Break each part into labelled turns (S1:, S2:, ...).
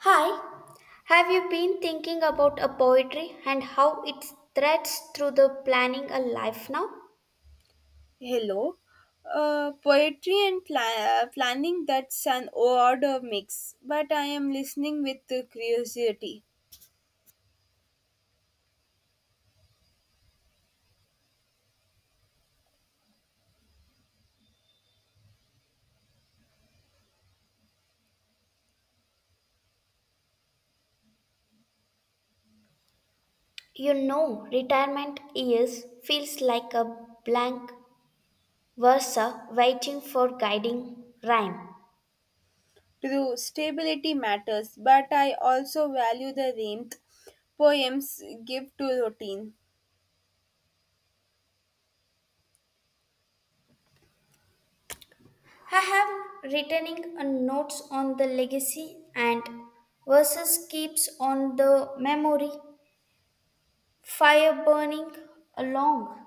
S1: Hi, have you been thinking about a poetry and how it threads through the planning a life now?
S2: Hello. Poetry and planning, that's an odd mix, but I am listening with curiosity.
S1: You know, retirement years feels like a blank verse waiting for guiding rhyme.
S2: True, stability matters, but I also value the warmth poems give to routine.
S1: I have written a notes on the legacy and verses keeps on the memory, fire burning along.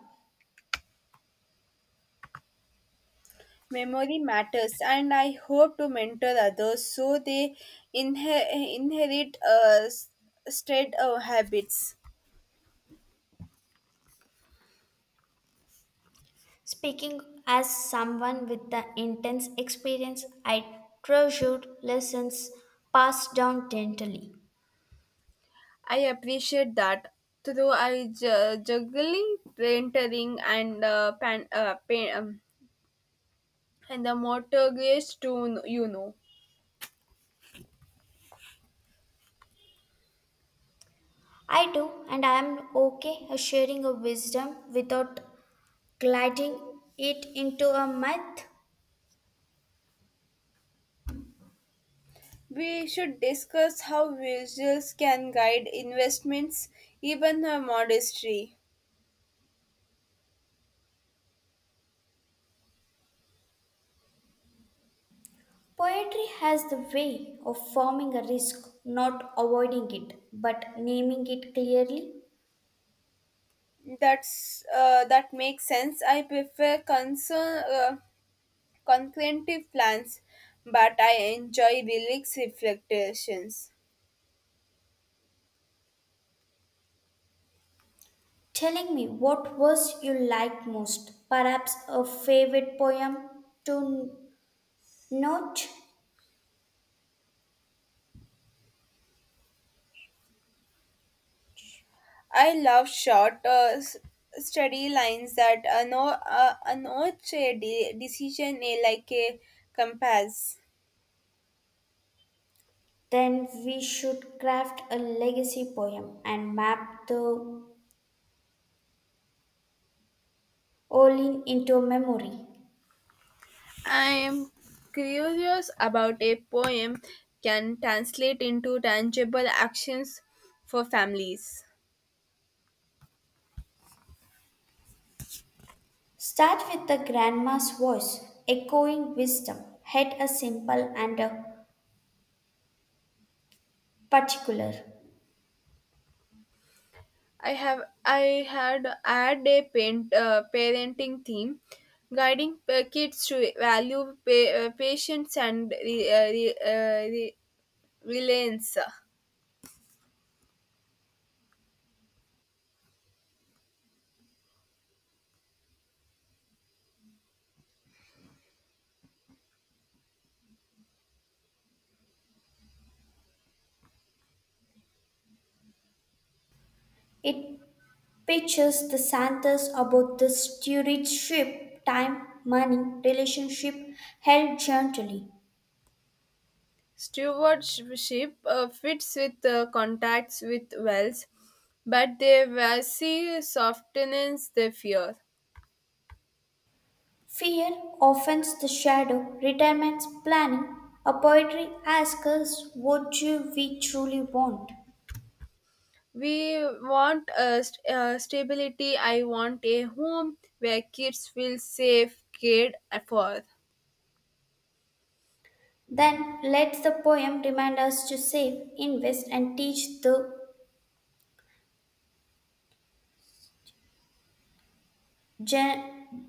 S2: Memory matters, and I hope to mentor others so they inherit straight habits.
S1: Speaking as someone with the intense experience, I treasured lessons passed down gently.
S2: I appreciate that. Though I ju- juggling rentering and and the mortgage too, you know.
S1: I do, and I am okay with sharing a wisdom without gliding it into a myth.
S2: We should discuss how visuals can guide investments, even a modestry.
S1: Poetry has the way of forming a risk, not avoiding it, but naming it clearly.
S2: That's that makes sense. I prefer concern concurrent plans, but I enjoy relaxed reflections.
S1: Telling me what verse you like most, perhaps a favorite poem to note.
S2: I love short, steady lines that no, announce a decision like a compass.
S1: Then we should craft a legacy poem and map the Olin into memory.
S2: I am curious about a poem can translate into tangible actions for families.
S1: Start with the grandma's voice, echoing wisdom, head a simple and a particular.
S2: I have I had add a parenting theme, guiding kids to value patience and reliance.
S1: It pictures the Santas about the stewardship, time, money, relationship held gently.
S2: Stewardship fits with contacts with wells, but they will see softens the fear.
S1: Fear, offense, the shadow, retirement's planning. A poetry asks us what do we truly want.
S2: We want stability. I want a home where kids feel safe, cared for.
S1: Then let the poem remind us to save, invest, and teach the gen-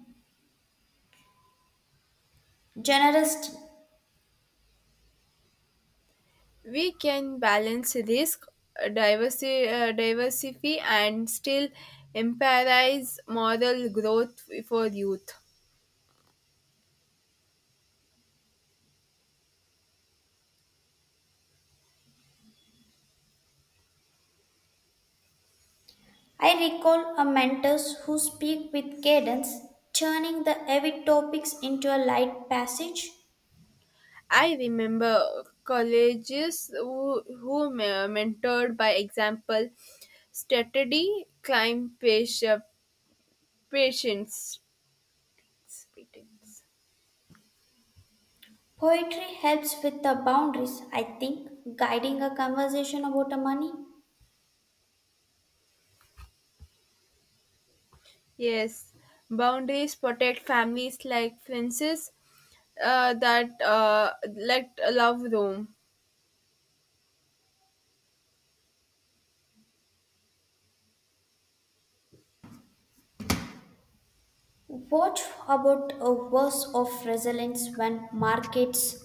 S1: generosity.
S2: We can balance risk, diversity, and still emphasize moral growth for youth.
S1: I recall a mentors who speak with cadence, turning the heavy topics into a light passage.
S2: I remember colleges who mentored by example strategy, climb patient, patience. patience.
S1: Poetry helps with the boundaries, I think, guiding a conversation about a money.
S2: Yes, boundaries protect families like fences that let love room.
S1: What about a verse of resilience when markets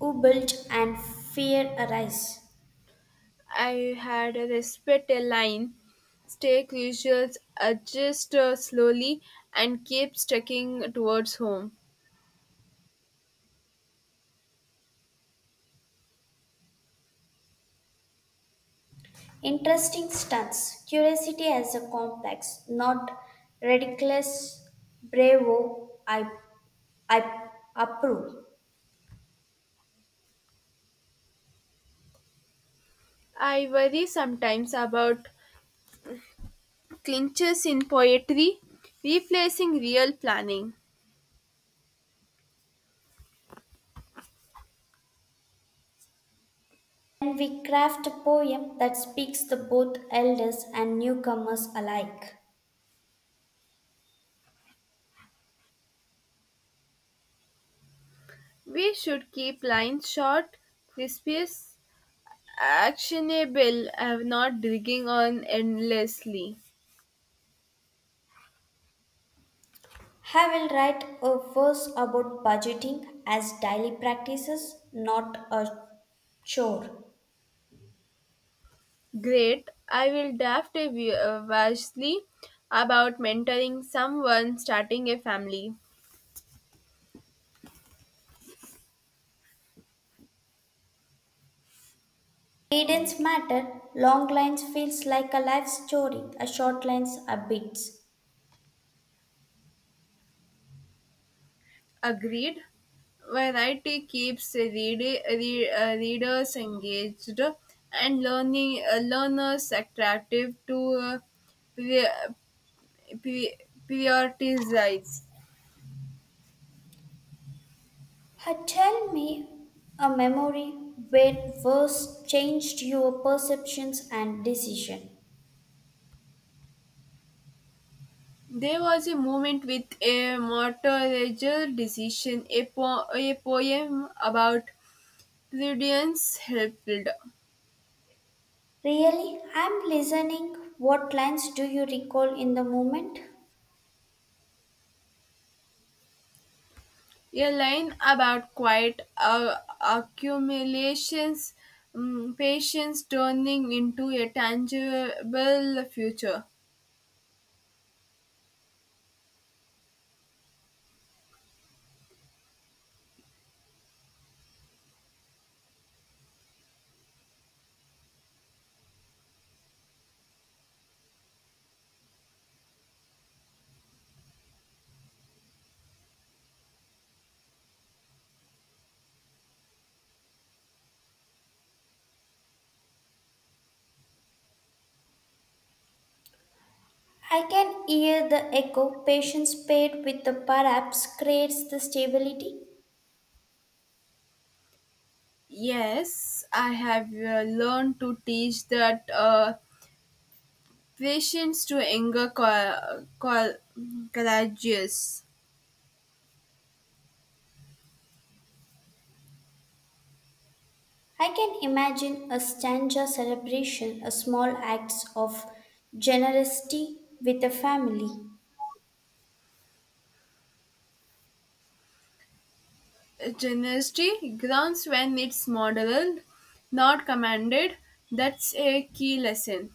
S1: wobble and fear arise?
S2: I had a respect a line, stay crucial, adjust slowly, and keep sticking towards home.
S1: Interesting stunts. Curiosity as a complex, not ridiculous. Bravo, I approve.
S2: I worry sometimes about clinches in poetry, replacing real planning.
S1: And we craft a poem that speaks to both elders and newcomers alike.
S2: We should keep lines short, crisp, actionable, and not dragging on endlessly.
S1: I will write a verse about budgeting as daily practices, not a chore.
S2: Great. I will draft a vastly about mentoring someone starting a family.
S1: Cadence matter, long lines feels like a life story, a short lines are bits.
S2: Agreed. Variety keeps readers engaged and learning learners attractive to pre- pri- prioritized.
S1: Ha, tell me a memory where words changed your perceptions and decision.
S2: There was a moment with a mortgage decision, a poem about prudence helped, a
S1: Really, I'm listening. What lines do you recall in the moment?
S2: line about quiet accumulations, patience turning into a tangible future.
S1: I can hear the echo. Patience paired with the perhaps creates the stability.
S2: Yes, I have learned to teach that patience to anger courageous.
S1: I can imagine a stanza celebration, a small acts of generosity with a family.
S2: Generosity grounds when it's modeled, not commanded. That's a key lesson.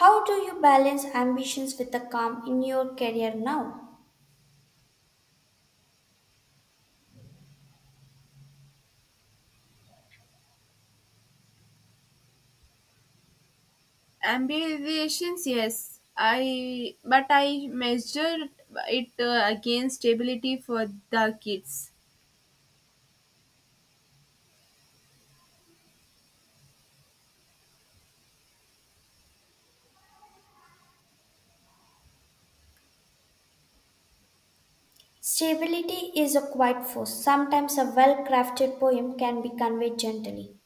S1: How do you balance ambitions with a calm in your career now?
S2: Ambitions, yes, I but I measure it against stability for the kids.
S1: Stability is a quiet force. Sometimes a well crafted poem can be conveyed gently.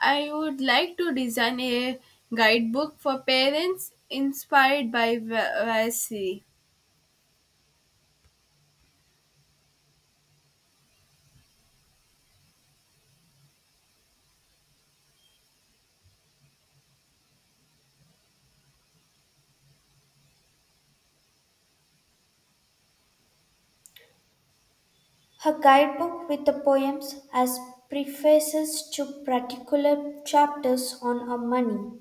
S2: I would like to design a guidebook for parents inspired by Vasari.
S1: Her guidebook with the poems as prefaces to particular chapters on her money,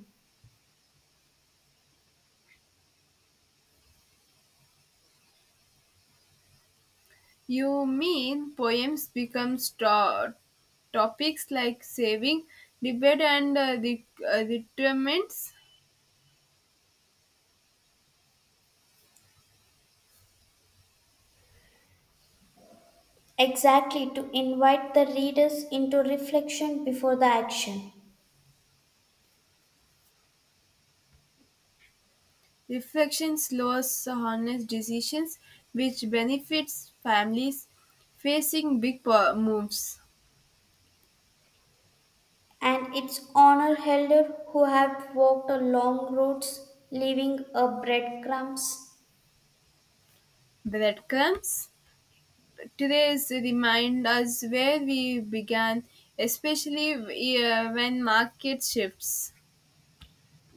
S2: You mean poems become straw topics like saving, debate, and retirements?
S1: exactly to invite the readers into reflection before the action.
S2: Reflection slows honest decisions, which benefits families facing big moves.
S1: And its honor elder who have walked a long roads, leaving a breadcrumbs.
S2: Breadcrumbs today's remind us where we began, especially when market shifts.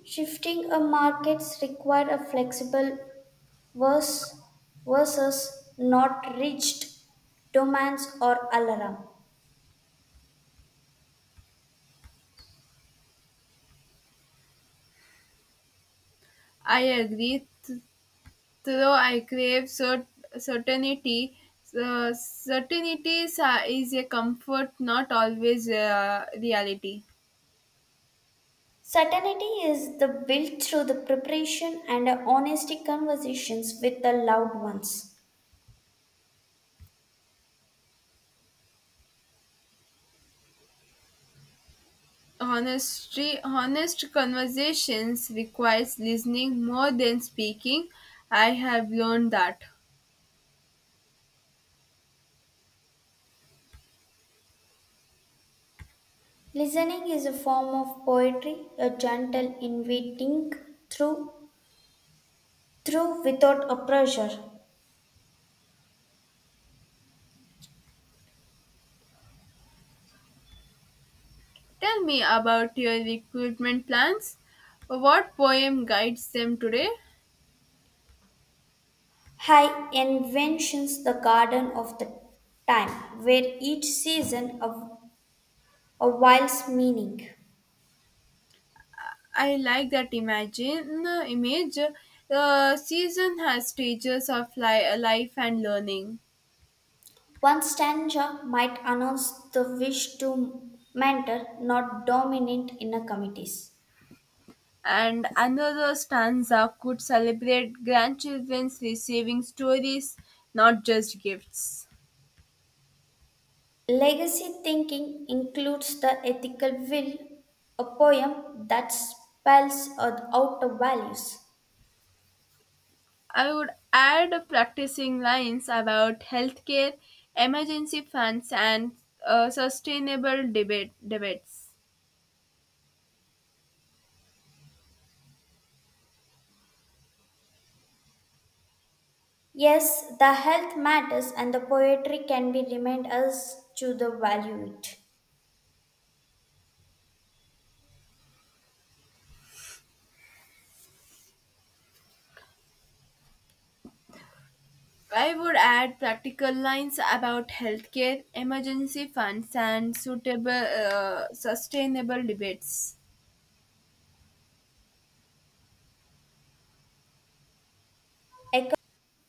S1: Shifting a markets require a flexible was versus not reached domains or alarm
S2: I agree, though I crave certainty. So certainty is a comfort, not always reality.
S1: certainty is the built through the preparation and honesty conversations with the loved ones
S2: Honestly, honest conversations requires listening more than speaking. I have learned that.
S1: listening is a form of poetry a gentle inviting through through without a pressure
S2: Tell me about your recruitment plans. What poem guides them today?
S1: high inventions the garden of the time where each season of a wild's meaning.
S2: I like that imagine image. The season has stages of life and learning.
S1: One stanza might announce the wish to mentor, not dominate in a committees.
S2: And another stanza could celebrate grandchildren's receiving stories, not just gifts.
S1: Legacy thinking includes the ethical will, a poem that spells out the values.
S2: I would add practicing lines about healthcare, emergency funds, and sustainable debates.
S1: Yes, the health matters and the poetry can be remind us to the value it.
S2: I would add practical lines about healthcare, emergency funds, and suitable sustainable debates.
S1: Eco-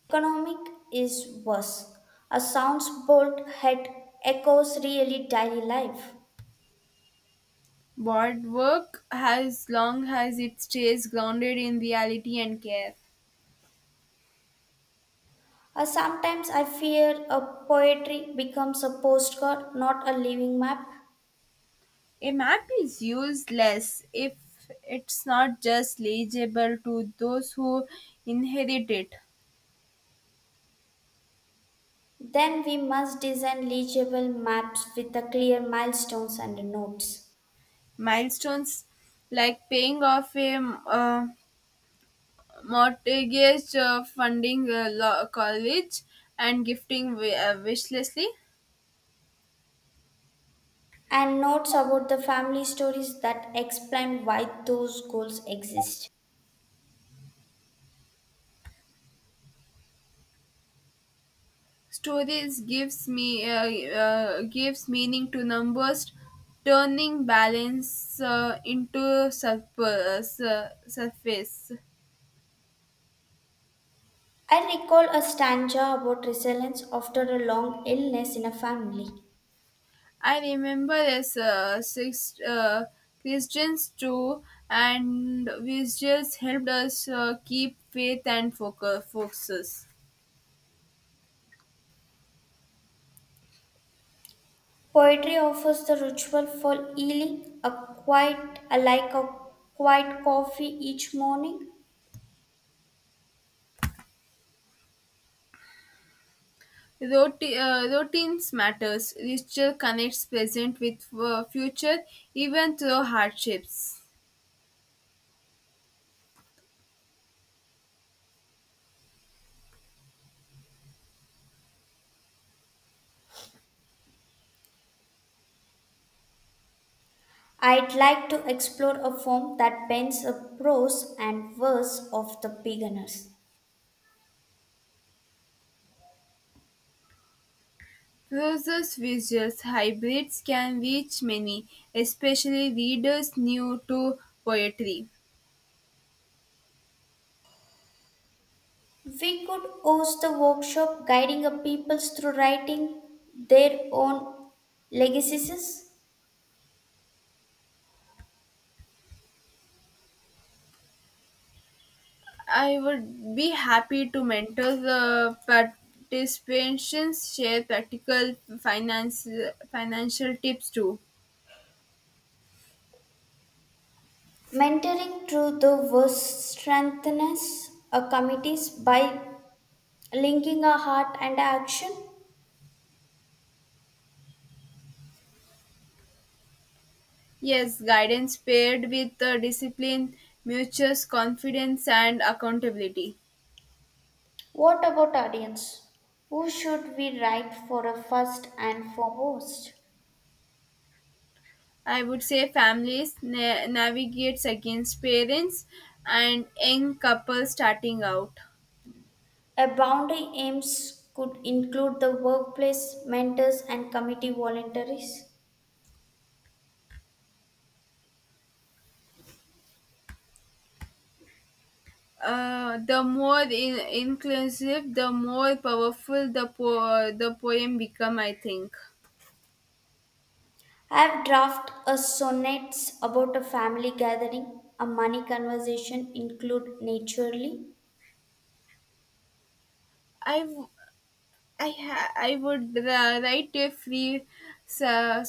S1: Economic is worse. A sounds bold head echoes really daily life.
S2: Board work as long as it stays grounded in reality and care.
S1: Sometimes I fear a poetry becomes a postcard, not a living map.
S2: A map is useless if it's not just legible to those who inherit it.
S1: Then we must design legible maps with the clear milestones and notes.
S2: Milestones like paying off a mortgage, funding a law college, and gifting wishlessly.
S1: And notes about the family stories that explain why those goals exist.
S2: Stories gives me gives meaning to numbers, turning balance into surface. Surface.
S1: I recall a stanza about resilience after a long illness in a family.
S2: I remember as six Christians too, and visuals helped us keep faith and focuses.
S1: Poetry offers the ritual for healing, a quiet, like a quiet coffee each morning.
S2: Routines matters. Ritual connects present with future, even through hardships.
S1: I'd like to explore a form that blends the prose and verse of the beginners.
S2: Process visuals hybrids can reach many, especially readers new to poetry.
S1: We could host a workshop guiding a people through writing their own legacies,
S2: I would be happy to mentor the participants, share practical finance financial tips too.
S1: mentoring through the verse strengthens a committees by linking a heart and action.
S2: Yes, guidance paired with discipline nurtures confidence and accountability.
S1: What about audience? Who should we write for a first and foremost?
S2: I would say families navigates against parents and young couples starting out.
S1: A boundary aims could include the workplace, mentors, and committee voluntaries.
S2: The more inclusive, the more powerful the poem become. I think
S1: I have drafted a sonnets about a family gathering, a money conversation include naturally.
S2: I w- I ha- I would write a free ser-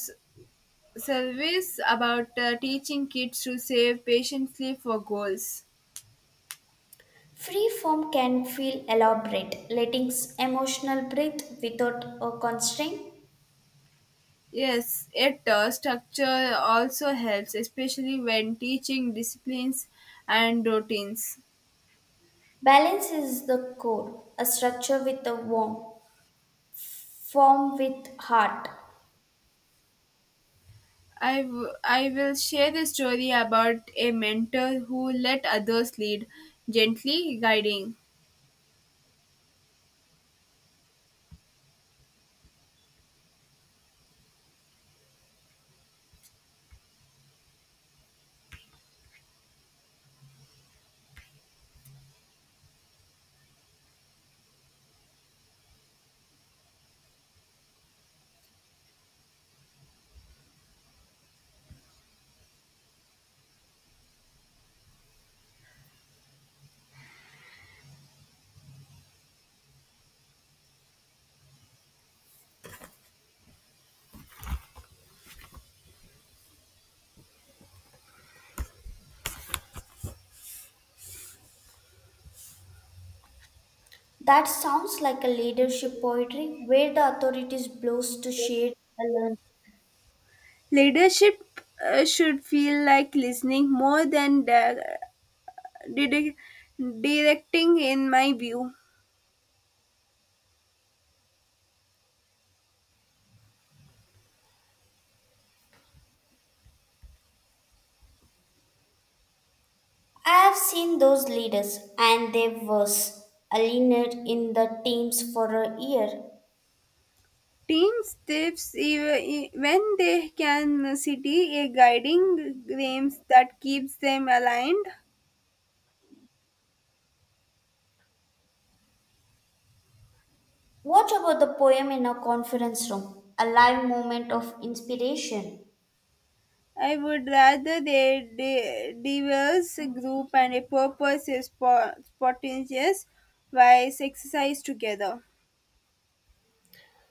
S2: service about teaching kids to save patiently for goals.
S1: Free form can feel elaborate, letting emotional breathe without a constraint.
S2: Yes, it structure also helps, especially when teaching disciplines and routines.
S1: Balance is the core, a structure with a warmth, form with heart.
S2: I will share the story about a mentor who let others lead, gently guiding.
S1: That sounds like a leadership poetry where the authorities blows to shade the learning.
S2: Leadership should feel like listening more than didi- directing, in my view.
S1: I've seen those leaders, and they was a leaner in the teams for a year.
S2: Teams tips when they can city a guiding frames that keeps them aligned.
S1: What about the poem in a conference room? A live moment of inspiration.
S2: I would rather they diverse group and a purpose is spontaneous while exercise together.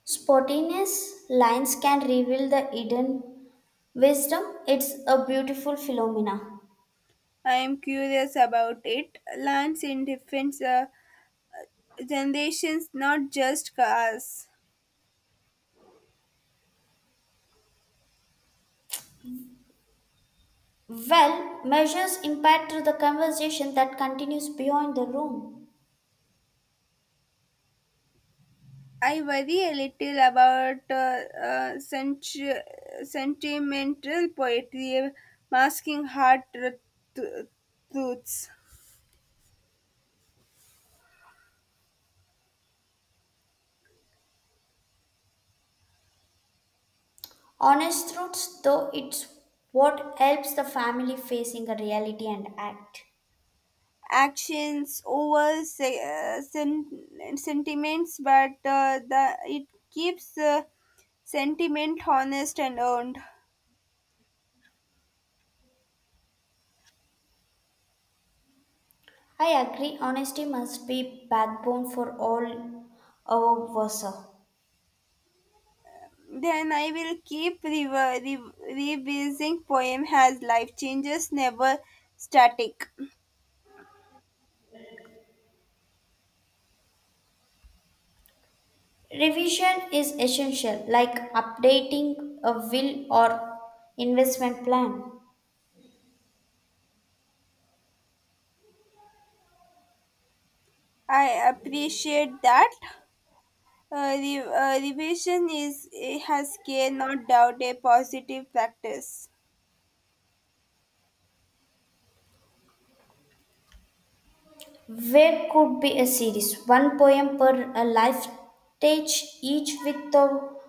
S1: Spontaneous lines can reveal the hidden wisdom. It's a beautiful phenomena.
S2: I am curious about it. Lands in different generations, not just cars.
S1: Well, measures impact through the conversation that continues beyond the room.
S2: I worry a little about sentimental poetry masking hard tr- truths.
S1: Honest truths, though, it's what helps the family facing a reality and act.
S2: Actions over sentiments, but the it keeps sentiment honest and earned.
S1: I agree, honesty must be backbone for all our versa.
S2: Then I will keep revising poem as life changes never static.
S1: Revision is essential, like updating a will or investment plan.
S2: I appreciate that. Re- revision is has care, not doubt, a positive practice.
S1: Where could be a series, one poem per a life stage, each with the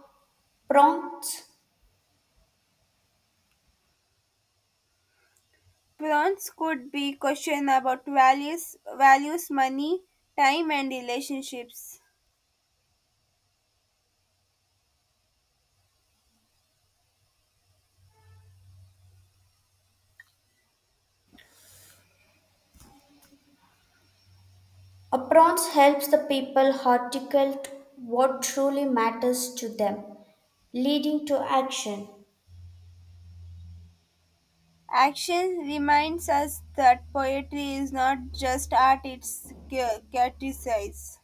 S1: prompts.
S2: Prawns could be questioned about values, money, time, and relationships.
S1: A prompts helps the people articulate what truly matters to them, leading to action.
S2: Action reminds us that poetry is not just art; it's catechise.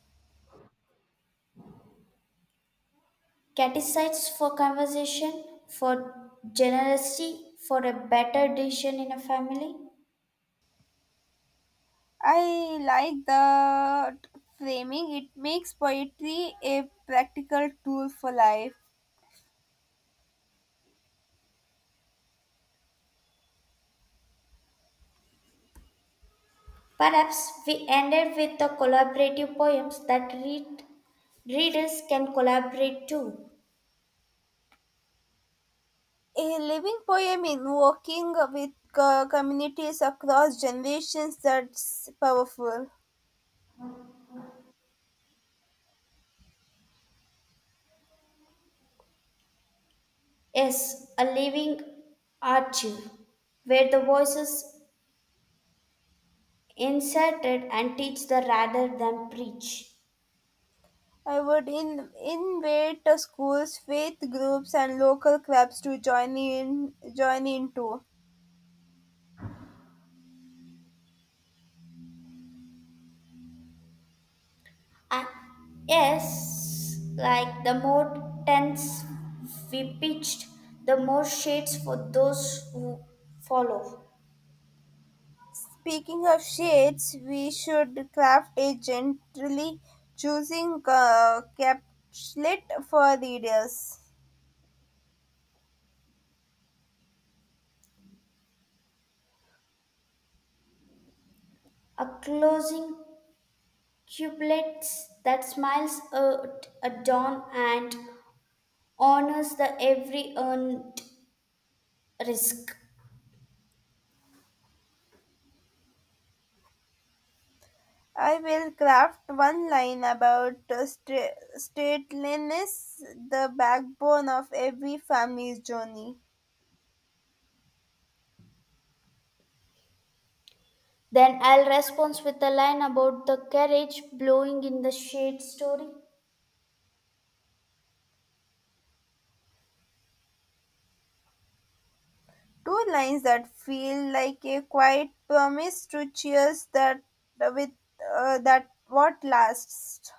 S1: Catechized for conversation, for generosity, for a better decision in a family.
S2: I like the framing. It makes poetry a practical tool for life.
S1: Perhaps we ended with the collaborative poems that read, readers can collaborate to.
S2: A living poem in working with communities across generations, that's powerful.
S1: Yes, a living archive where the voices inserted and teach the rather than preach.
S2: I would invite the schools, faith groups, and local clubs to join in too.
S1: Uh, yes, like the more tents we pitched, the more shades for those who follow.
S2: Speaking of shades, we should craft a gently choosing capslet for readers.
S1: A closing cubelet that smiles at a dawn and honors the every earned risk.
S2: I will craft one line about stateliness, the backbone of every family's journey.
S1: Then I'll respond with a line about the carriage blowing in the shade story.
S2: Two lines that feel like a quiet promise to cheers that with that what lasts.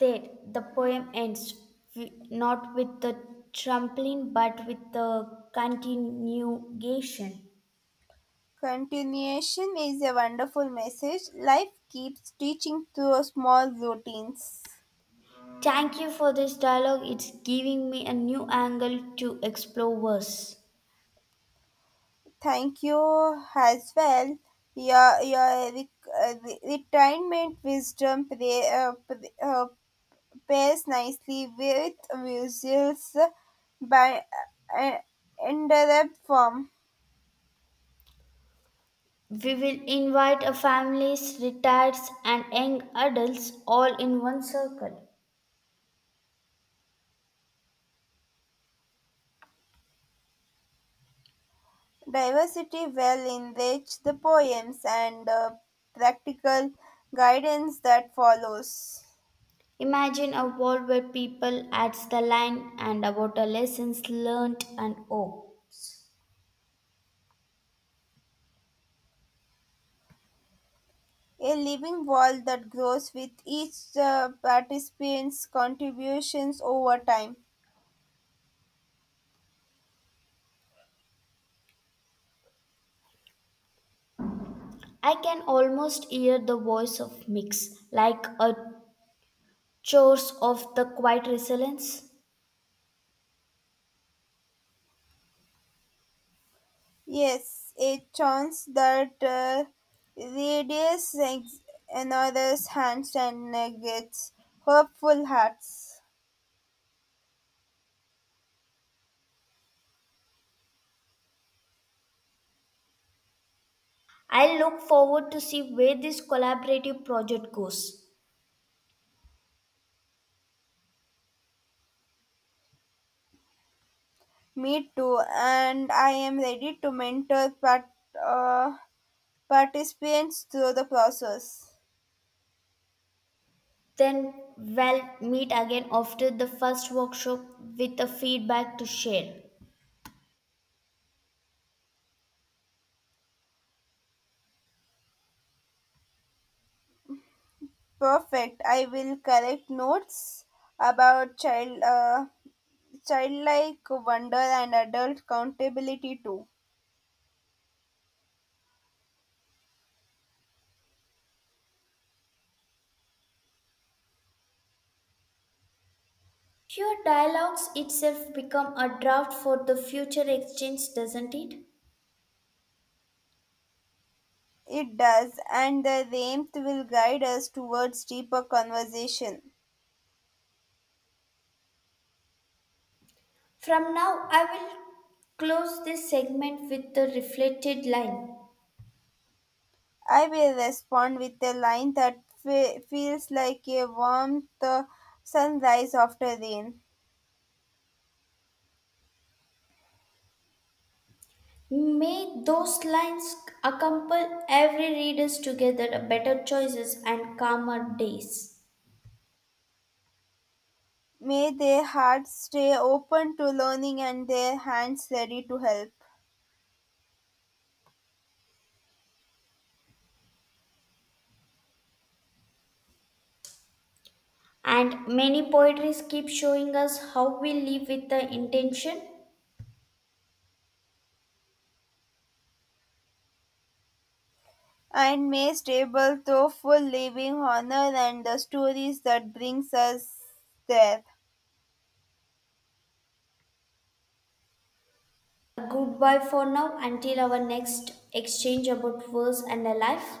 S1: There, the poem ends not with the trampling but with the continuation.
S2: Continuation is a wonderful message. Life keeps teaching through small routines.
S1: Thank you for this dialogue. It's giving me a new angle to explore verse.
S2: Thank you as well. Your retirement wisdom pairs nicely with music's by uh, uh, interrupt form.
S1: We will invite a families, retirees, and young adults all in one circle.
S2: Diversity well enriches the poems and the practical guidance that follows.
S1: Imagine a world where people adds the line and about the lessons learnt and oh.
S2: A living wall that grows with each participant's contributions over time.
S1: I can almost hear the voice of Mix, like a chores of the quiet resilience.
S2: Yes, a chance that radiates another's hands and negates hopeful hearts.
S1: I look forward to see where this collaborative project goes.
S2: Me too, and I am ready to mentor uh, participants through the process.
S1: Then we'll meet again after the first workshop with a feedback to share.
S2: Perfect. I will correct notes about childlike wonder and adult accountability too.
S1: Your dialogues itself become a draft for the future exchange, doesn't it?
S2: It does, and the warmth will guide us towards deeper conversation.
S1: From now, I will close this segment with the reflected line.
S2: I will respond with a line that feels like a warm sunrise after rain.
S1: May those lines accompany every readers together better choices and calmer days.
S2: May their hearts stay open to learning and their hands ready to help.
S1: And many poetries keep showing us how we live with the intention.
S2: And may stable through full living honor and the stories that brings us there.
S1: A goodbye for now until our next exchange about verse and a life.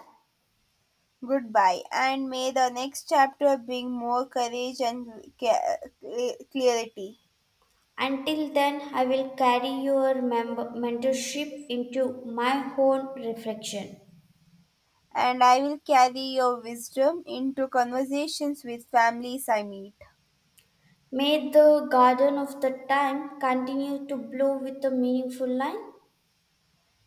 S2: Goodbye, and may the next chapter bring more courage and clarity.
S1: Until then, I will carry your mentorship into my own reflection.
S2: And I will carry your wisdom into conversations with families I meet.
S1: May the garden of the time continue to blow with a meaningful line.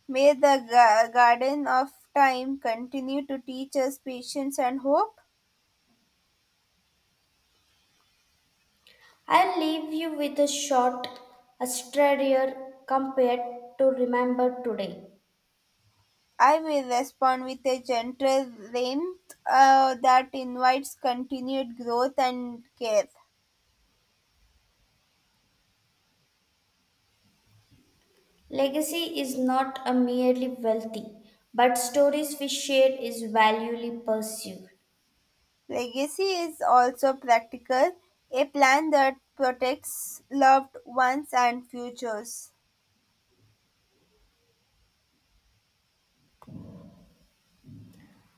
S2: May the garden of time continue to teach us patience and hope.
S1: I'll leave you with a short, a strayer compared to remember today.
S2: I will respond with a gentle warmth that invites continued growth and care.
S1: Legacy is not a merely wealthy, but stories we share is valuably pursued.
S2: Legacy is also practical, a plan that protects loved ones and futures.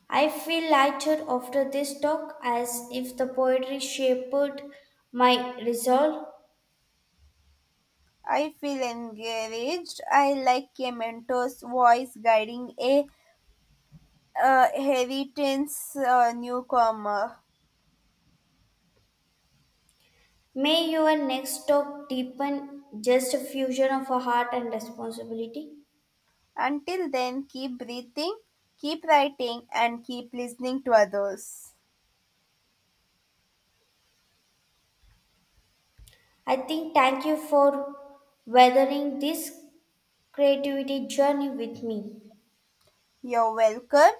S1: I feel lighter after this talk as if the poetry shaped my resolve.
S2: I feel encouraged. I like a mentor's voice guiding a heritage newcomer.
S1: May your next talk deepen just a fusion of a heart and responsibility.
S2: Until then, keep breathing, keep writing, and keep listening to others.
S1: I think thank you for weathering this creativity journey with me.
S2: You're welcome.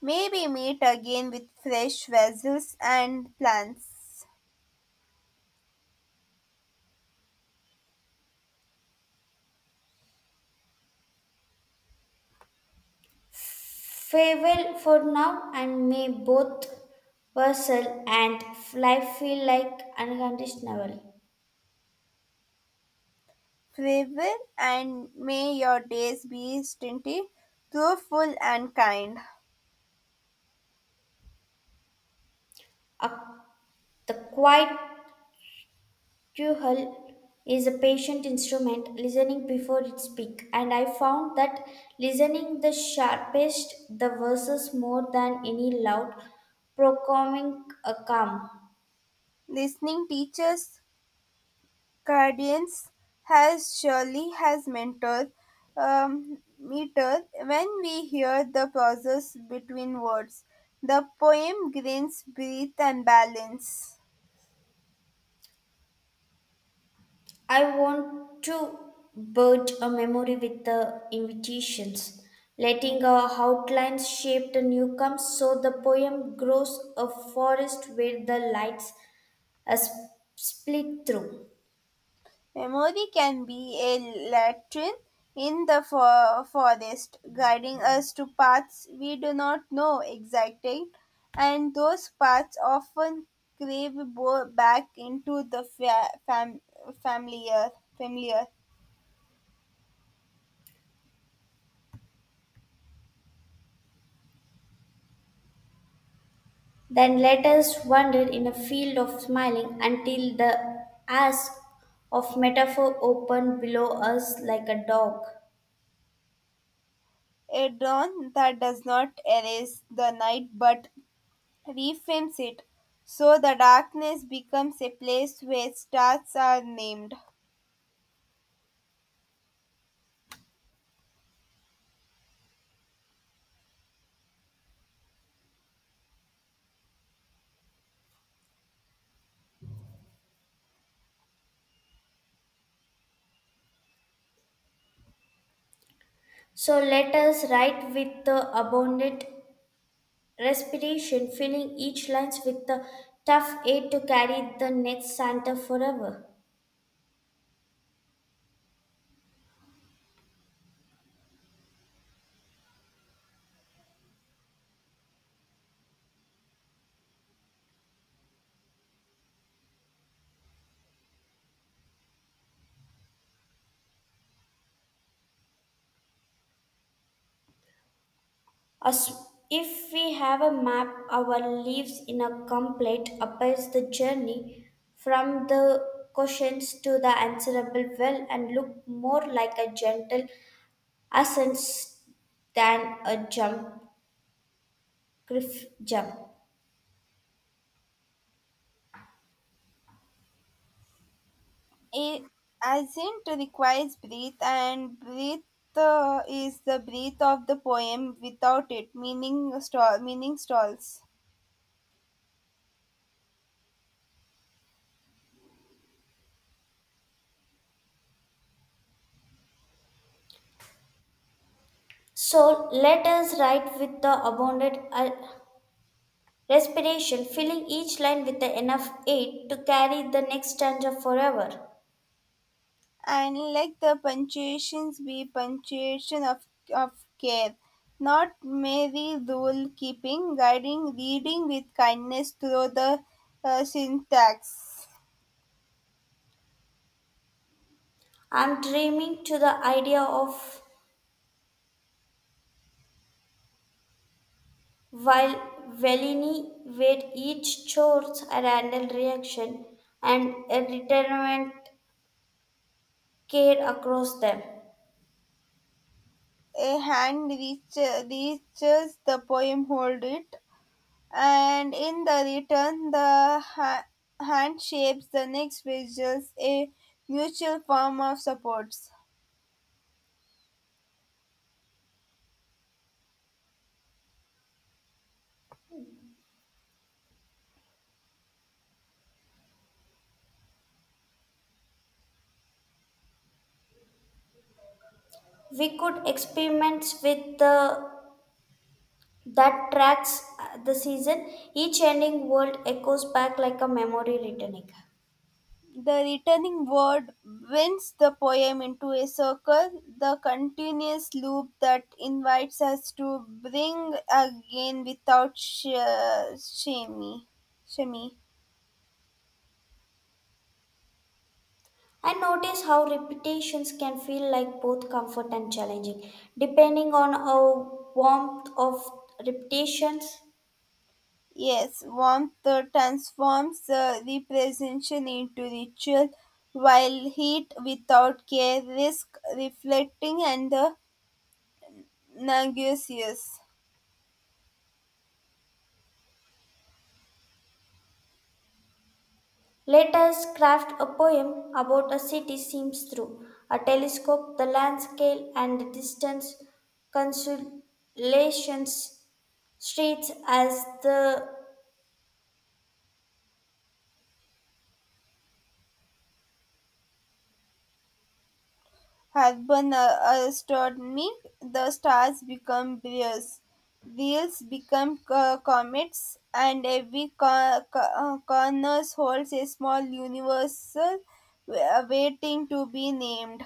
S2: Maybe meet again with fresh vessels and plans.
S1: Farewell for now, and may both vessel and fly feel like unconditional.
S2: Farewell, and may your days be stinted, fruitful and kind.
S1: A- the quiet duhel is a patient instrument, listening before it speak. And I found that listening the sharpest the verses more than any loud, proclaiming a calm.
S2: Listening teachers, guardians, has surely has mentor, meter. When we hear the pauses between words, the poem gains breath and balance.
S1: I want to build a memory with the invitations, letting our outlines shape the newcomes so the poem grows a forest where the lights are split through.
S2: Memory can be a lantern in the forest, guiding us to paths we do not know exactly, and those paths often crave back into the familiar. Familiar.
S1: Then let us wander in a field of smiling until the ask of metaphor open below us like a dog.
S2: A dawn that does not erase the night but reframes it, so the darkness becomes a place where stars are named.
S1: So let us write with the abundant respiration, filling each lines with the tough aid to carry the net Santa forever. As if we have a map, our leaves in a complete appears the journey from the questions to the answerable well and look more like a gentle ascent than a jump.
S2: I Asint requires breath, and breath is the breath of the poem. Without it, meaning stalls.
S1: So let us write with the abundant Respiration, filling each line with the enough aid to carry the next stanza forever.
S2: And let the punctuations be punctuation of of care, not merely rule keeping, guiding reading with kindness through the syntax.
S1: I'm dreaming to the idea of while Velini where each chores a random reaction and a retirement care across them.
S2: A hand reaches the poem, hold it, and in the return the hand shapes the next visuals, a mutual form of supports.
S1: We could experiment with the that tracks the season. Each ending world echoes back like a memory returning.
S2: The returning word winds the poem into a circle, the continuous loop that invites us to bring again without shame shame.
S1: And notice how repetitions can feel like both comfort and challenging, depending on our warmth of repetitions.
S2: Yes, warmth transforms representation into ritual, while heat without care risk reflecting and the nauseous.
S1: Let us craft a poem about a city seems through a telescope, the landscape, and the distance, consolations, streets as the.
S2: Urban astronomy, the stars become brewers, wheels become comets, and every corner holds a small universal waiting to be named.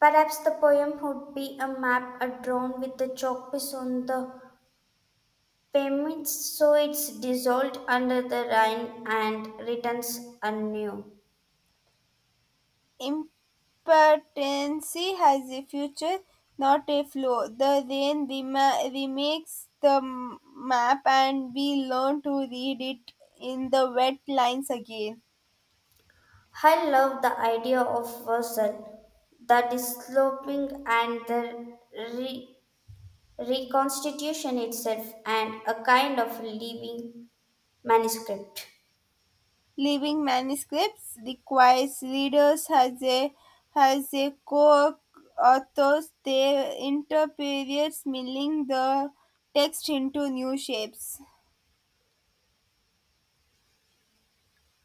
S1: Perhaps the poem would be a map, a drawn with the chalk piece on the payments, so it's dissolved under the Rhine and returns anew.
S2: Impotency has a future, not a flaw. The rain remakes the map, and we learn to read it in the wet lines again.
S1: I love the idea of Versailles, the dissolving and the re- reconstitution itself, and a kind of living manuscript.
S2: Living manuscripts requires readers as a has a co-authors. They interpret milling the text into new shapes.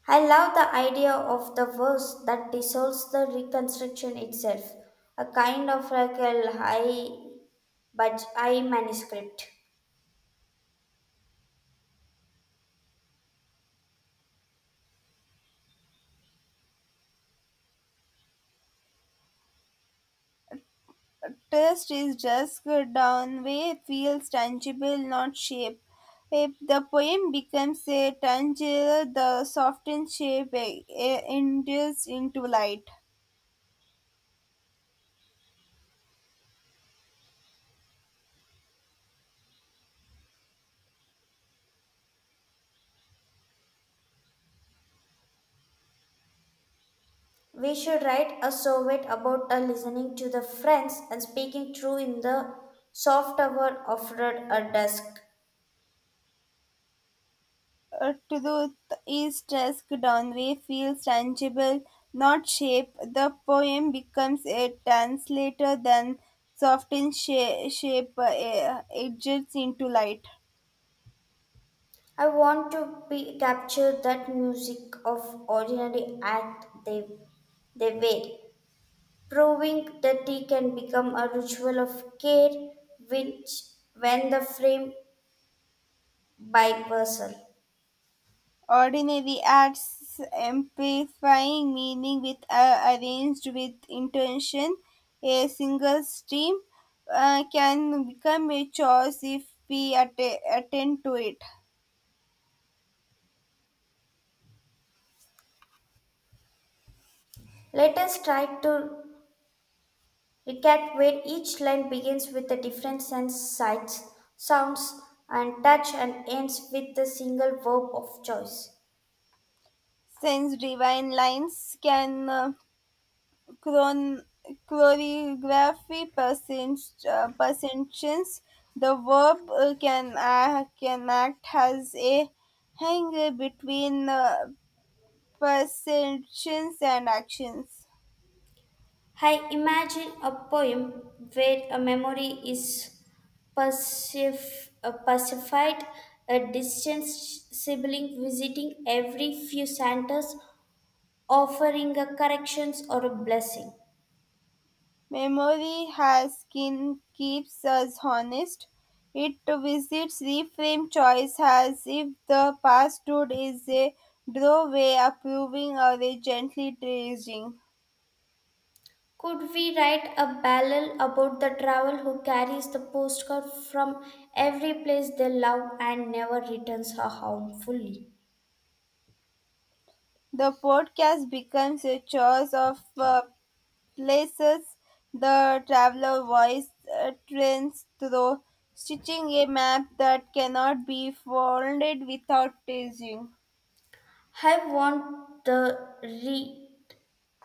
S1: I love the idea of the verse that dissolves the reconstruction itself, a kind of like a high but I manuscript.
S2: Trust is just good down way feels tangible, not shape. If the poem becomes a tangible, the softened shape indulges into light.
S1: We should write a Soviet about a listening to the friends and speaking true in the soft hour of a dusk.
S2: Truth is dusk Downway feels tangible, not shape. The poem becomes a translator, then softened shape edges into light.
S1: I want to be capture that music of ordinary act they wear, proving that tea can become a ritual of care which when the frame by person.
S2: Ordinary acts amplifying meaning with arranged with intention. A single stream can become a choice if we attend to it.
S1: Let us try to a cat where each line begins with a different sense, sights, sounds, and touch and ends with the single verb of choice.
S2: Since divine lines can chron- choreography perceptions, the verb can act as a hanger between perceptions and actions.
S1: I imagine a poem where a memory is pacified, a distant sibling visiting every few centers, offering a corrections or a blessing.
S2: Memory has skin keeps us honest. It visits reframe choice as if the past stood is a doorway approving or a gently teasing.
S1: Could we write a ballad about the traveler who carries the postcard from every place they love and never returns her home fully?
S2: The podcast becomes a choice of places the traveler voice trends through, stitching a map that cannot be folded without teasing.
S1: I want the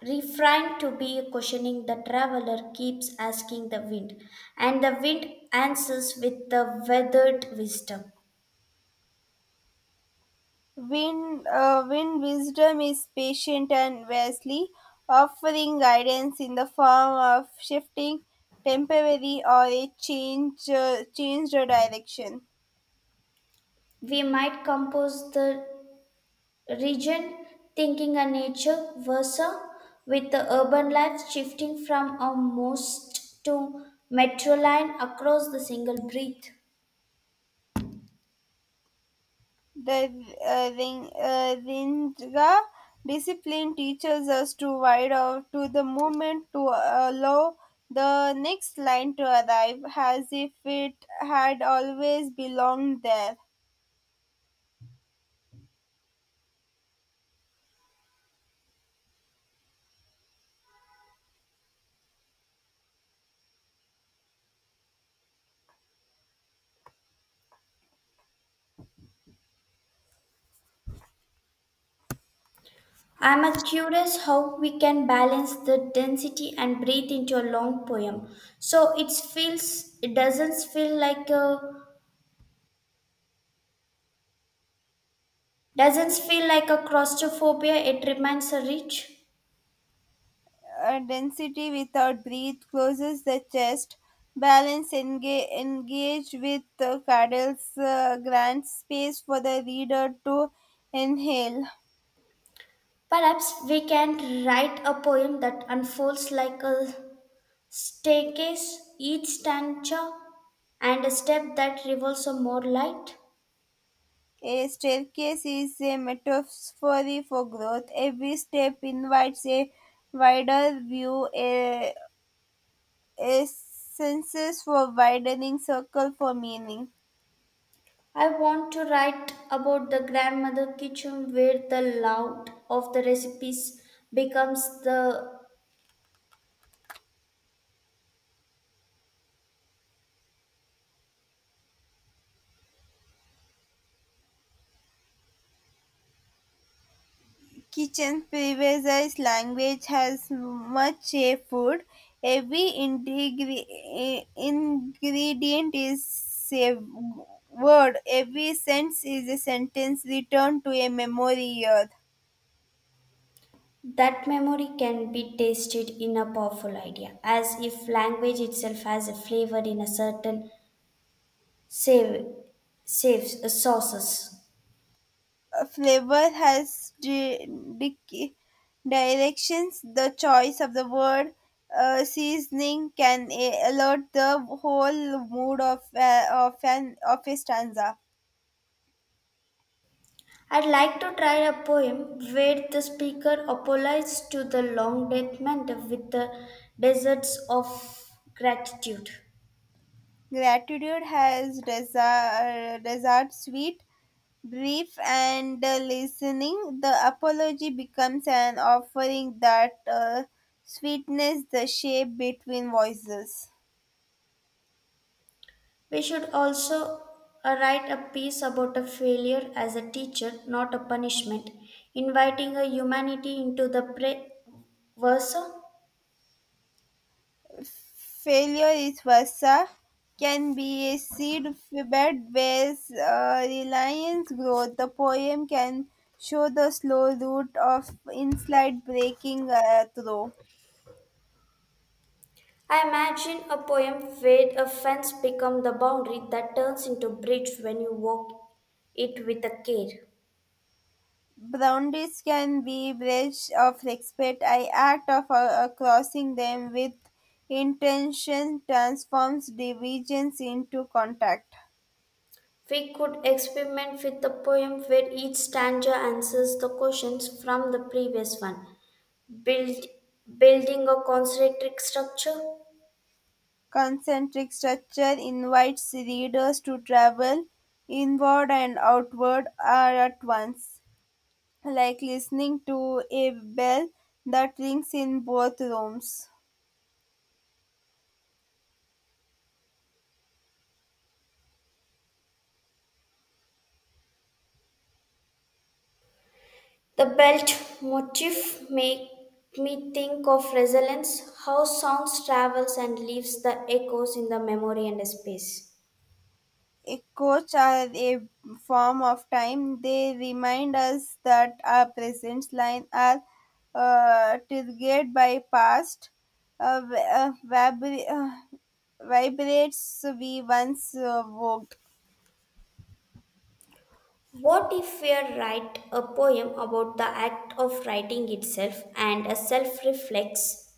S1: refrain to be questioning the traveler keeps asking the wind, and the wind answers with the weathered wisdom.
S2: Wind wisdom is patient and wise, offering guidance in the form of shifting temporary or a change, changed direction.
S1: We might compose the region thinking and nature versa with the urban life shifting from a most to metro line across the single breath.
S2: The ring, Ringa discipline teaches us to wide out to the movement to allow the next line to arrive as if it had always belonged there.
S1: I'm a curious how we can balance the density and breathe into a long poem so it feels it doesn't feel like a claustrophobia, it remains a rich.
S2: Density without breath, closes the chest, balance engage with the cradles, grants space for the reader to inhale.
S1: Perhaps we can write a poem that unfolds like a staircase, each stanza, and a step that reveals a more light.
S2: A staircase is a metaphor for growth. Every step invites a wider view, a senses for widening circle for meaning.
S1: I want to write about the grandmother kitchen where the loud of the recipes becomes the.
S2: Kitchen privileges language has much a food. Every eh, ingredient is a word. Every sense is a sentence returned to a memory earth.
S1: That memory can be tasted in a powerful idea, as if language itself has a flavor in a certain save saves sauces.
S2: A flavor has dic- directions. The choice of the word seasoning can eh, alert the whole mood of a stanza.
S1: I'd like to try a poem where the speaker apologizes to the long death mentor with the deserts of gratitude.
S2: Gratitude has desired sweet, brief, and listening. The apology becomes an offering that sweetness the shape between voices.
S1: We should also write a piece about a failure as a teacher, not a punishment, inviting a humanity into the versa.
S2: Failure is versa, can be a seed bed where reliance grows. The poem can show the slow root of insight breaking through.
S1: I imagine a poem where a fence becomes the boundary that turns into bridge when you walk it with a care.
S2: Boundaries can be breaches of respect. I act of crossing them with intention transforms divisions into contact.
S1: We could experiment with a poem where each stanza answers the questions from the previous one, build, building a concentric structure.
S2: Concentric structure invites readers to travel inward and outward are at once, like listening to a bell that rings in both rooms.
S1: The belt motif make me think of resonance, how sounds travels and leaves the echoes in the memory and space.
S2: A coach are a form of time. They remind us that our present line are triggered by past uh, v- uh, vibra- uh, vibrates we once walked.
S1: What if we write a poem about the act of writing itself and a self reflex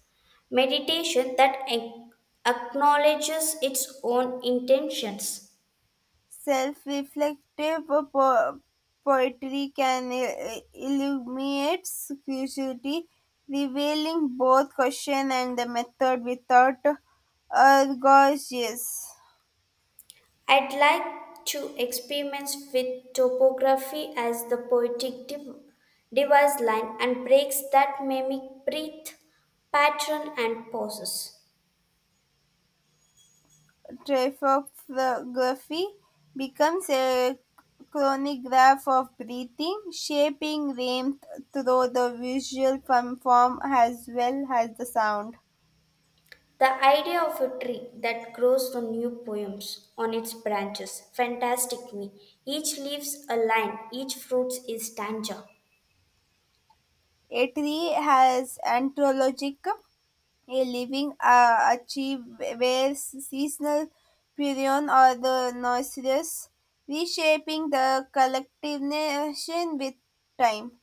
S1: meditation that acknowledges its own intentions.
S2: Self-reflective poetry can illuminate curiosity, revealing both question and the method without gorgeous.
S1: I'd like to experiment with topography as the poetic device line and breaks that mimic breath, pattern, and pauses.
S2: Tropography becomes a chronograph of breathing, shaping rhythm through the visual form as well as the sound.
S1: The idea of a tree that grows from new poems on its branches fantastic me. Each leaves a line, each fruit is stanza.
S2: A tree has anthropologic, a living achieve where seasonal purion or the noiseless, reshaping the collectivization with time.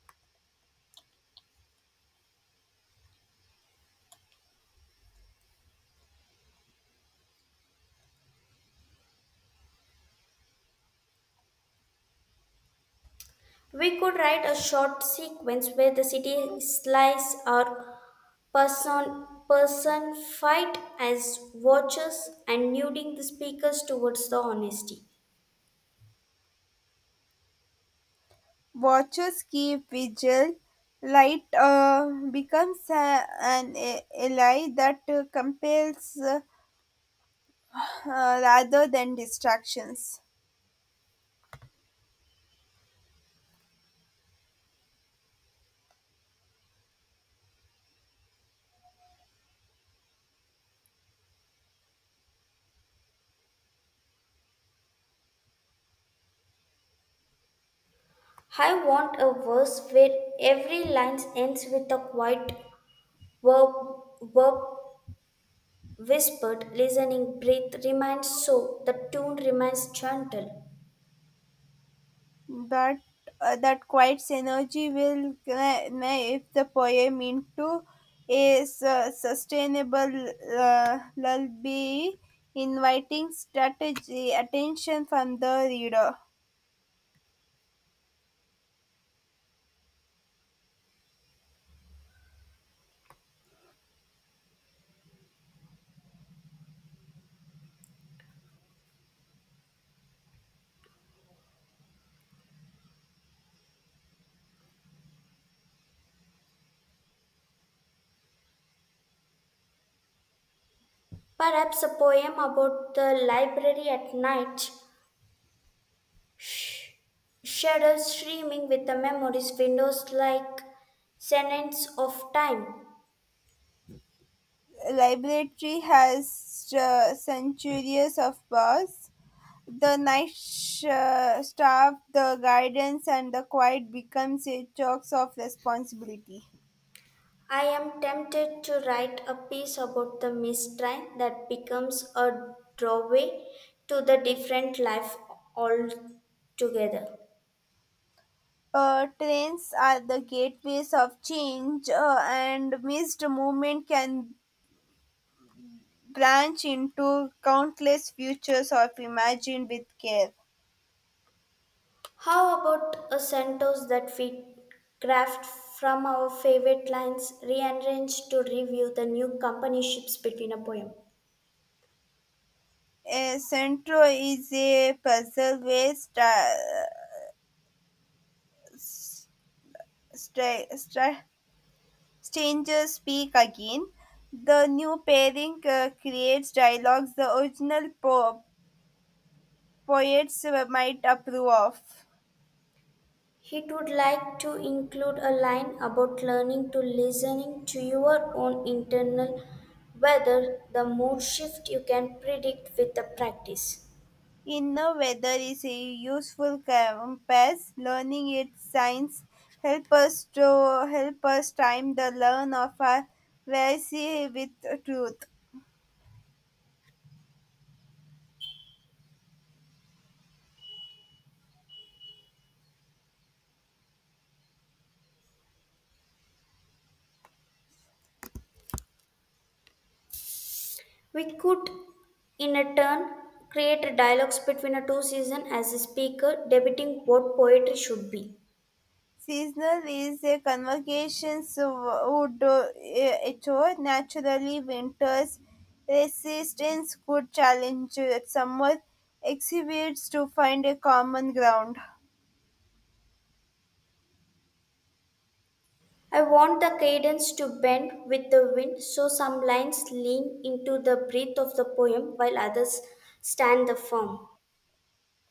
S1: We could write a short sequence where the city slice or person fight as watchers and nuding the speakers towards the honesty.
S2: Watchers keep vigil. Light becomes an ally that compels uh, rather than distractions.
S1: I want a verse where every line ends with a quiet verb verb whispered listening breath remains so the tune remains gentle.
S2: But that quiet's energy will if the poem into a sustainable lullaby, inviting strategy attention from the reader.
S1: Perhaps a poem about the library at night. Sh- Shadows streaming with the memories, windows like seconds of time.
S2: Library has centuries of bars. The night staff, the guidance, and the quiet becomes a crux of responsibility.
S1: I am tempted to write a piece about the mist train that becomes a doorway to the different life altogether.
S2: Trains are the gateways of change, and missed movement can branch into countless futures of imagined with care.
S1: How about a sentence that we craft from our favorite lines, rearranged to review the new company ships between a poem?
S2: A centro is a puzzle where stra- stra- strangers speak again. The new pairing creates dialogues the original poets might approve of.
S1: He would like to include a line about learning to listening to your own internal weather, the mood shift you can predict with the practice.
S2: In the weather is a useful compass. Learning its signs help us to help us time the learn of our verse with truth.
S1: We could, in a turn, create a dialogues between the two seasons as a speaker debating what poetry should be.
S2: Seasonal is a convocation so would do it all. Naturally winters resistance could challenge summer exhibits to find a common ground.
S1: I want the cadence to bend with the wind so some lines lean into the breath of the poem while others stand the firm.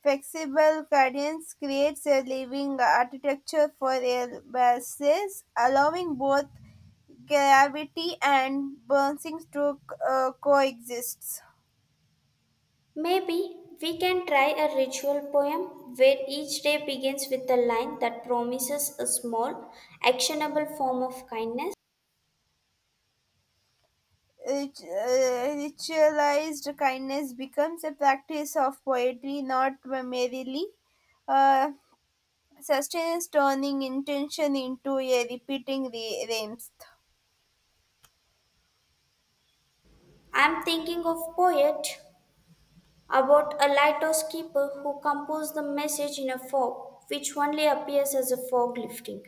S2: Flexible guidance creates a living architecture for airbuses, allowing both gravity and bouncing to coexist.
S1: Maybe we can try a ritual poem where each day begins with a line that promises a small, actionable form of kindness.
S2: Ritualized kindness becomes a practice of poetry, not merely uh, sustains turning intention into a repeating rhymes.
S1: I'm thinking of poet about a lighthouse keeper who composed the message in a fog, which only appears as a fog lifting.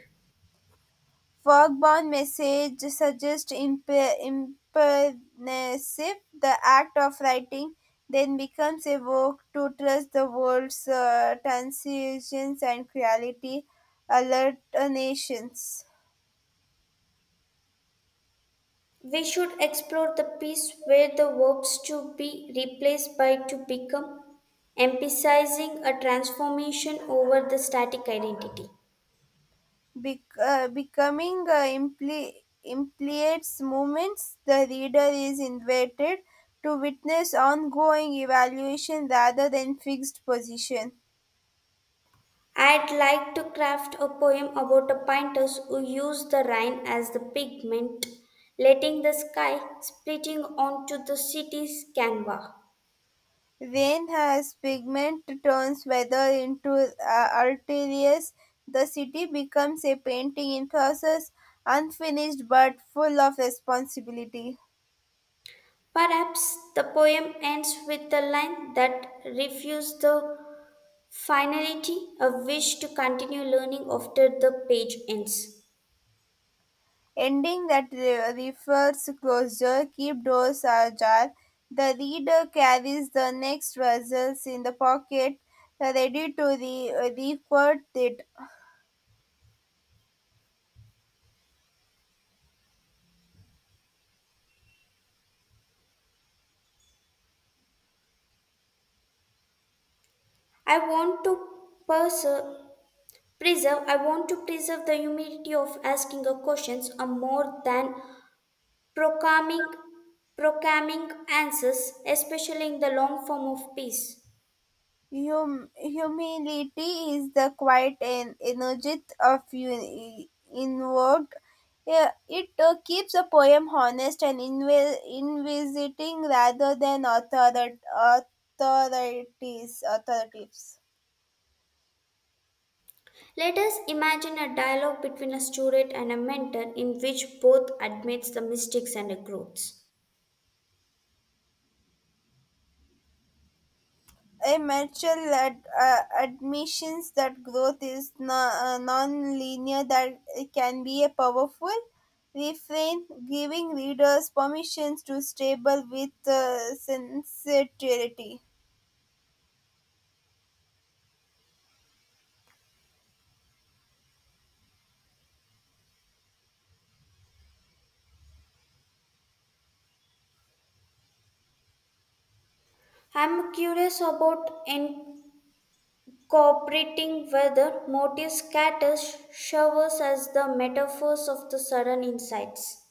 S2: Work message suggests imperatives; the act of writing then becomes a work to trust the world's transitions and create alternations.
S1: We should explore the piece where the verbs to be replaced by to become, emphasizing a transformation over the static identity.
S2: Becoming implicates moments the reader is invited to witness ongoing evaluation rather than fixed position.
S1: I'd like to craft a poem about a painter who used the rain as the pigment, letting the sky splitting onto the city's canvas.
S2: Rain as pigment turns weather into arterials. The city becomes a painting in process, unfinished but full of responsibility.
S1: Perhaps the poem ends with the line that refuses the finality, a wish to continue learning after the page ends.
S2: Ending that refers closure, keep doors ajar. The reader carries the next vessels in the pocket, ready to report it.
S1: I want to perse- preserve I want to preserve the humility of asking a questions are more than Proclaiming, proclaiming answers, especially in the long form of peace.
S2: Humility is the quiet and energy of inward. Yeah, it keeps a poem honest and inviting rather than authorities. Authoritative.
S1: Let us imagine a dialogue between a student and a mentor in which both admits the mistakes and the growths.
S2: A Mitchell ad, admissions that growth is no, non-linear that it can be a powerful refrain, giving readers permissions to stable with sincerity.
S1: I'm curious about incorporating whether motive scatters showers as the metaphors of the sudden insights.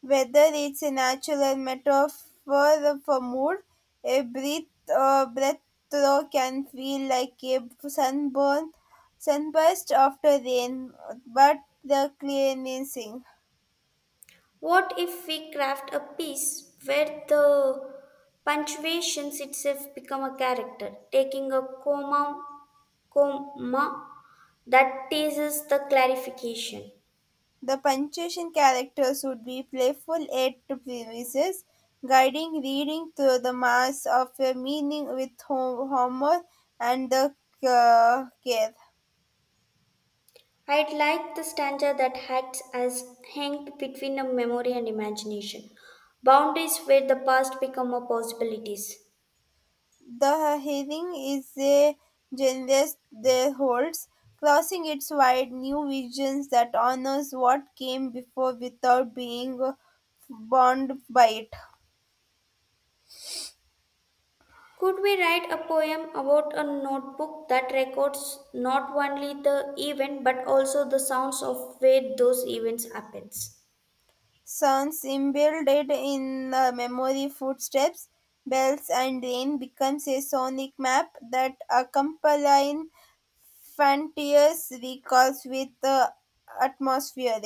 S2: Whether it's a natural metaphor for mood, a breath throw can feel like a sunburn, sunburst after rain, but the cleansing.
S1: What if we craft a piece where the punctuations itself become a character, taking a comma that teases the clarification.
S2: The punctuation characters would be playful aid to premises, guiding reading through the mass of a meaning with humor and the care.
S1: I'd like the stanza that acts as hanged between a memory and imagination, boundaries where the past become a possibilities.
S2: The herring is a generous there holds, crossing its wide new visions that honors what came before without being bound by it.
S1: Could we write a poem about a notebook that records not only the event but also the sounds of where those events happens?
S2: Sounds embedded in the memory, footsteps, bells, and rain becomes a sonic map that accompanies frontiers recalls with the atmosphere.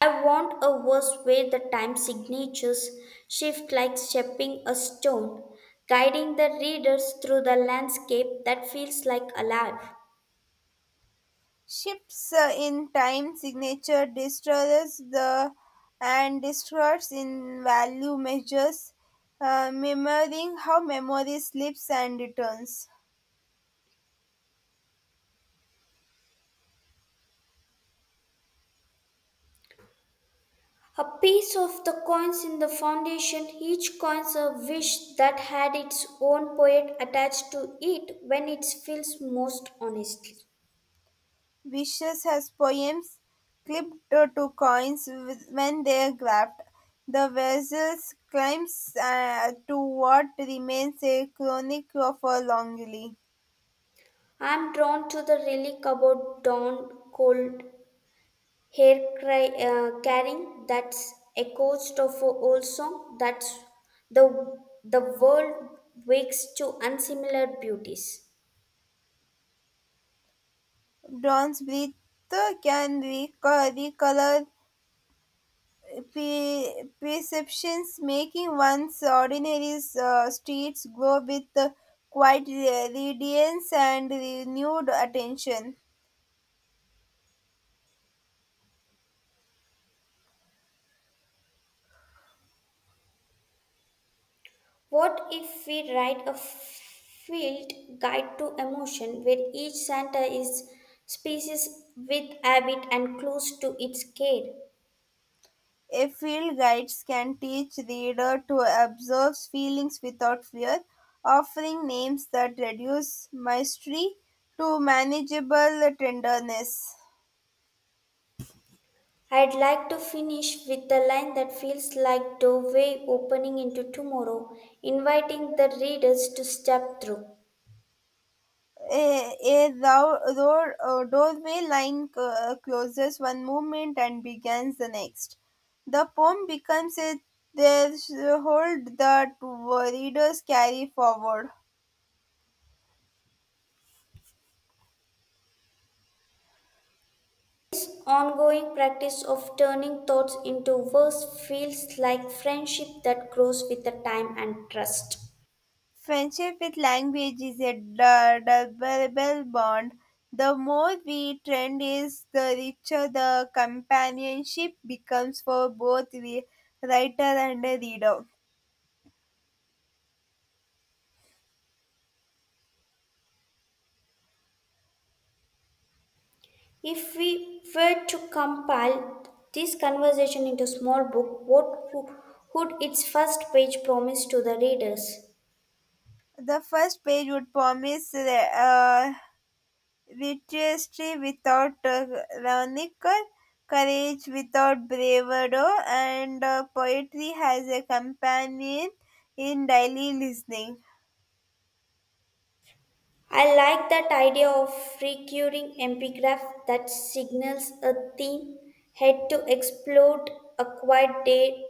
S1: I want a verse where the time signatures shift like shaping a stone, guiding the readers through the landscape that feels like alive.
S2: Shifts in time signature destroys the and distorts in value measures, mirroring how memory slips and returns.
S1: A piece of the coins in the foundation, each coin's a wish that had its own poet attached to it when it feels most honestly.
S2: Vicious has poems clipped to coins with- when they are grabbed. The vessels climbs to what remains a chronic of a longing.
S1: I'm drawn to the relic about dawn cold hair carrying that's echoes of a old song. That's the the world wakes to unsimilar beauties.
S2: Dawn's breath can recolor perceptions, making one's ordinary streets glow with quiet radiance and renewed attention.
S1: What if we write a field guide to emotion where each Santa is species with habit and clues to its care?
S2: A field guides can teach reader to observe feelings without fear, offering names that reduce mystery to manageable tenderness.
S1: I'd like to finish with the line that feels like doorway opening into tomorrow, inviting the readers to step through.
S2: A doorway line closes one movement and begins the next. The poem becomes a threshold that readers carry forward.
S1: Ongoing practice of turning thoughts into words feels like friendship that grows with the time and trust.
S2: Friendship with language is a durable bond. The more we trend is, the richer the companionship becomes for both the writer and the reader.
S1: If we were to compile this conversation into a small book, what would its first page promise to the readers?
S2: The first page would promise literacy without rancor, courage without bravado, and poetry has a companion in daily listening.
S1: I like that idea of recurring epigraph that signals a theme, head to explode, a quiet day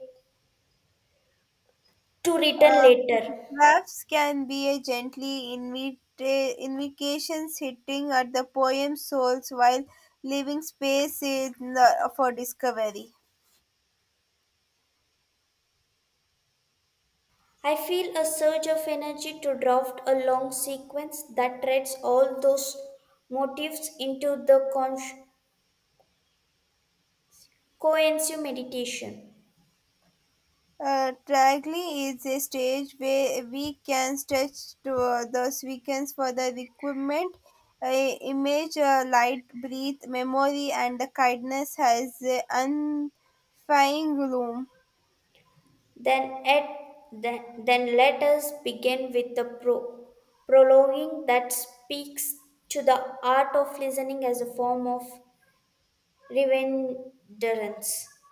S1: to return
S2: Uh,
S1: later.
S2: Perhaps can be a gently invocations hitting at the poem's souls while leaving space in the, for discovery.
S1: I feel a surge of energy to draft a long sequence that threads all those motifs into the cohesive meditation.
S2: Tragedy is a stage where we can stretch to those weekends for the requirement, image, light, breathe, memory, and the kindness has unfying gloom.
S1: Then, at, then let us begin with the prologuing that speaks to the art of listening as a form of remembrance.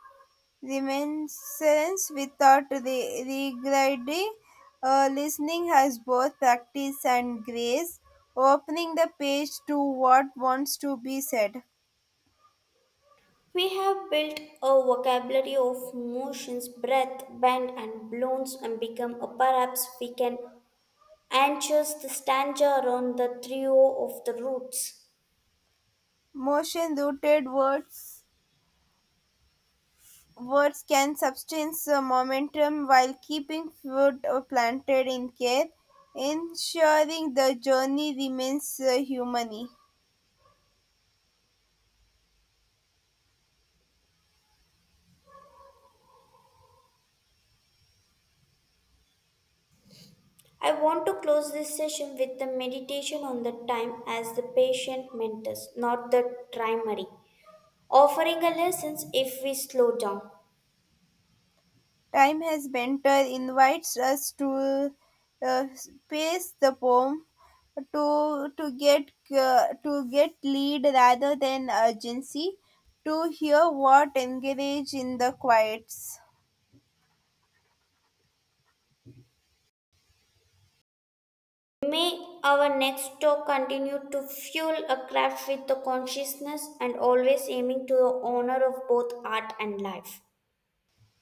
S2: Reminiscence without regretting listening has both practice and grace, opening the page to what wants to be said.
S1: We have built a vocabulary of motions, breath, bend, and blows, and become a perhaps we can anxious the stanza on the trio of the roots.
S2: Motion rooted words can substance momentum while keeping food planted in care, ensuring the journey remains humane.
S1: I want to close this session with the meditation on the time as the patient mentors, not the primary, offering a lessons if we slow down.
S2: Time has Benter invites us to space the poem to get lead rather than urgency to hear what engage in the quiets.
S1: May our next talk continue to fuel a craft with the consciousness and always aiming to the honor of both art and life.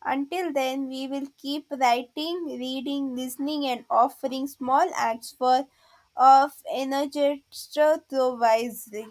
S2: Until then, we will keep writing, reading, listening, and offering small acts for of energy to wisely.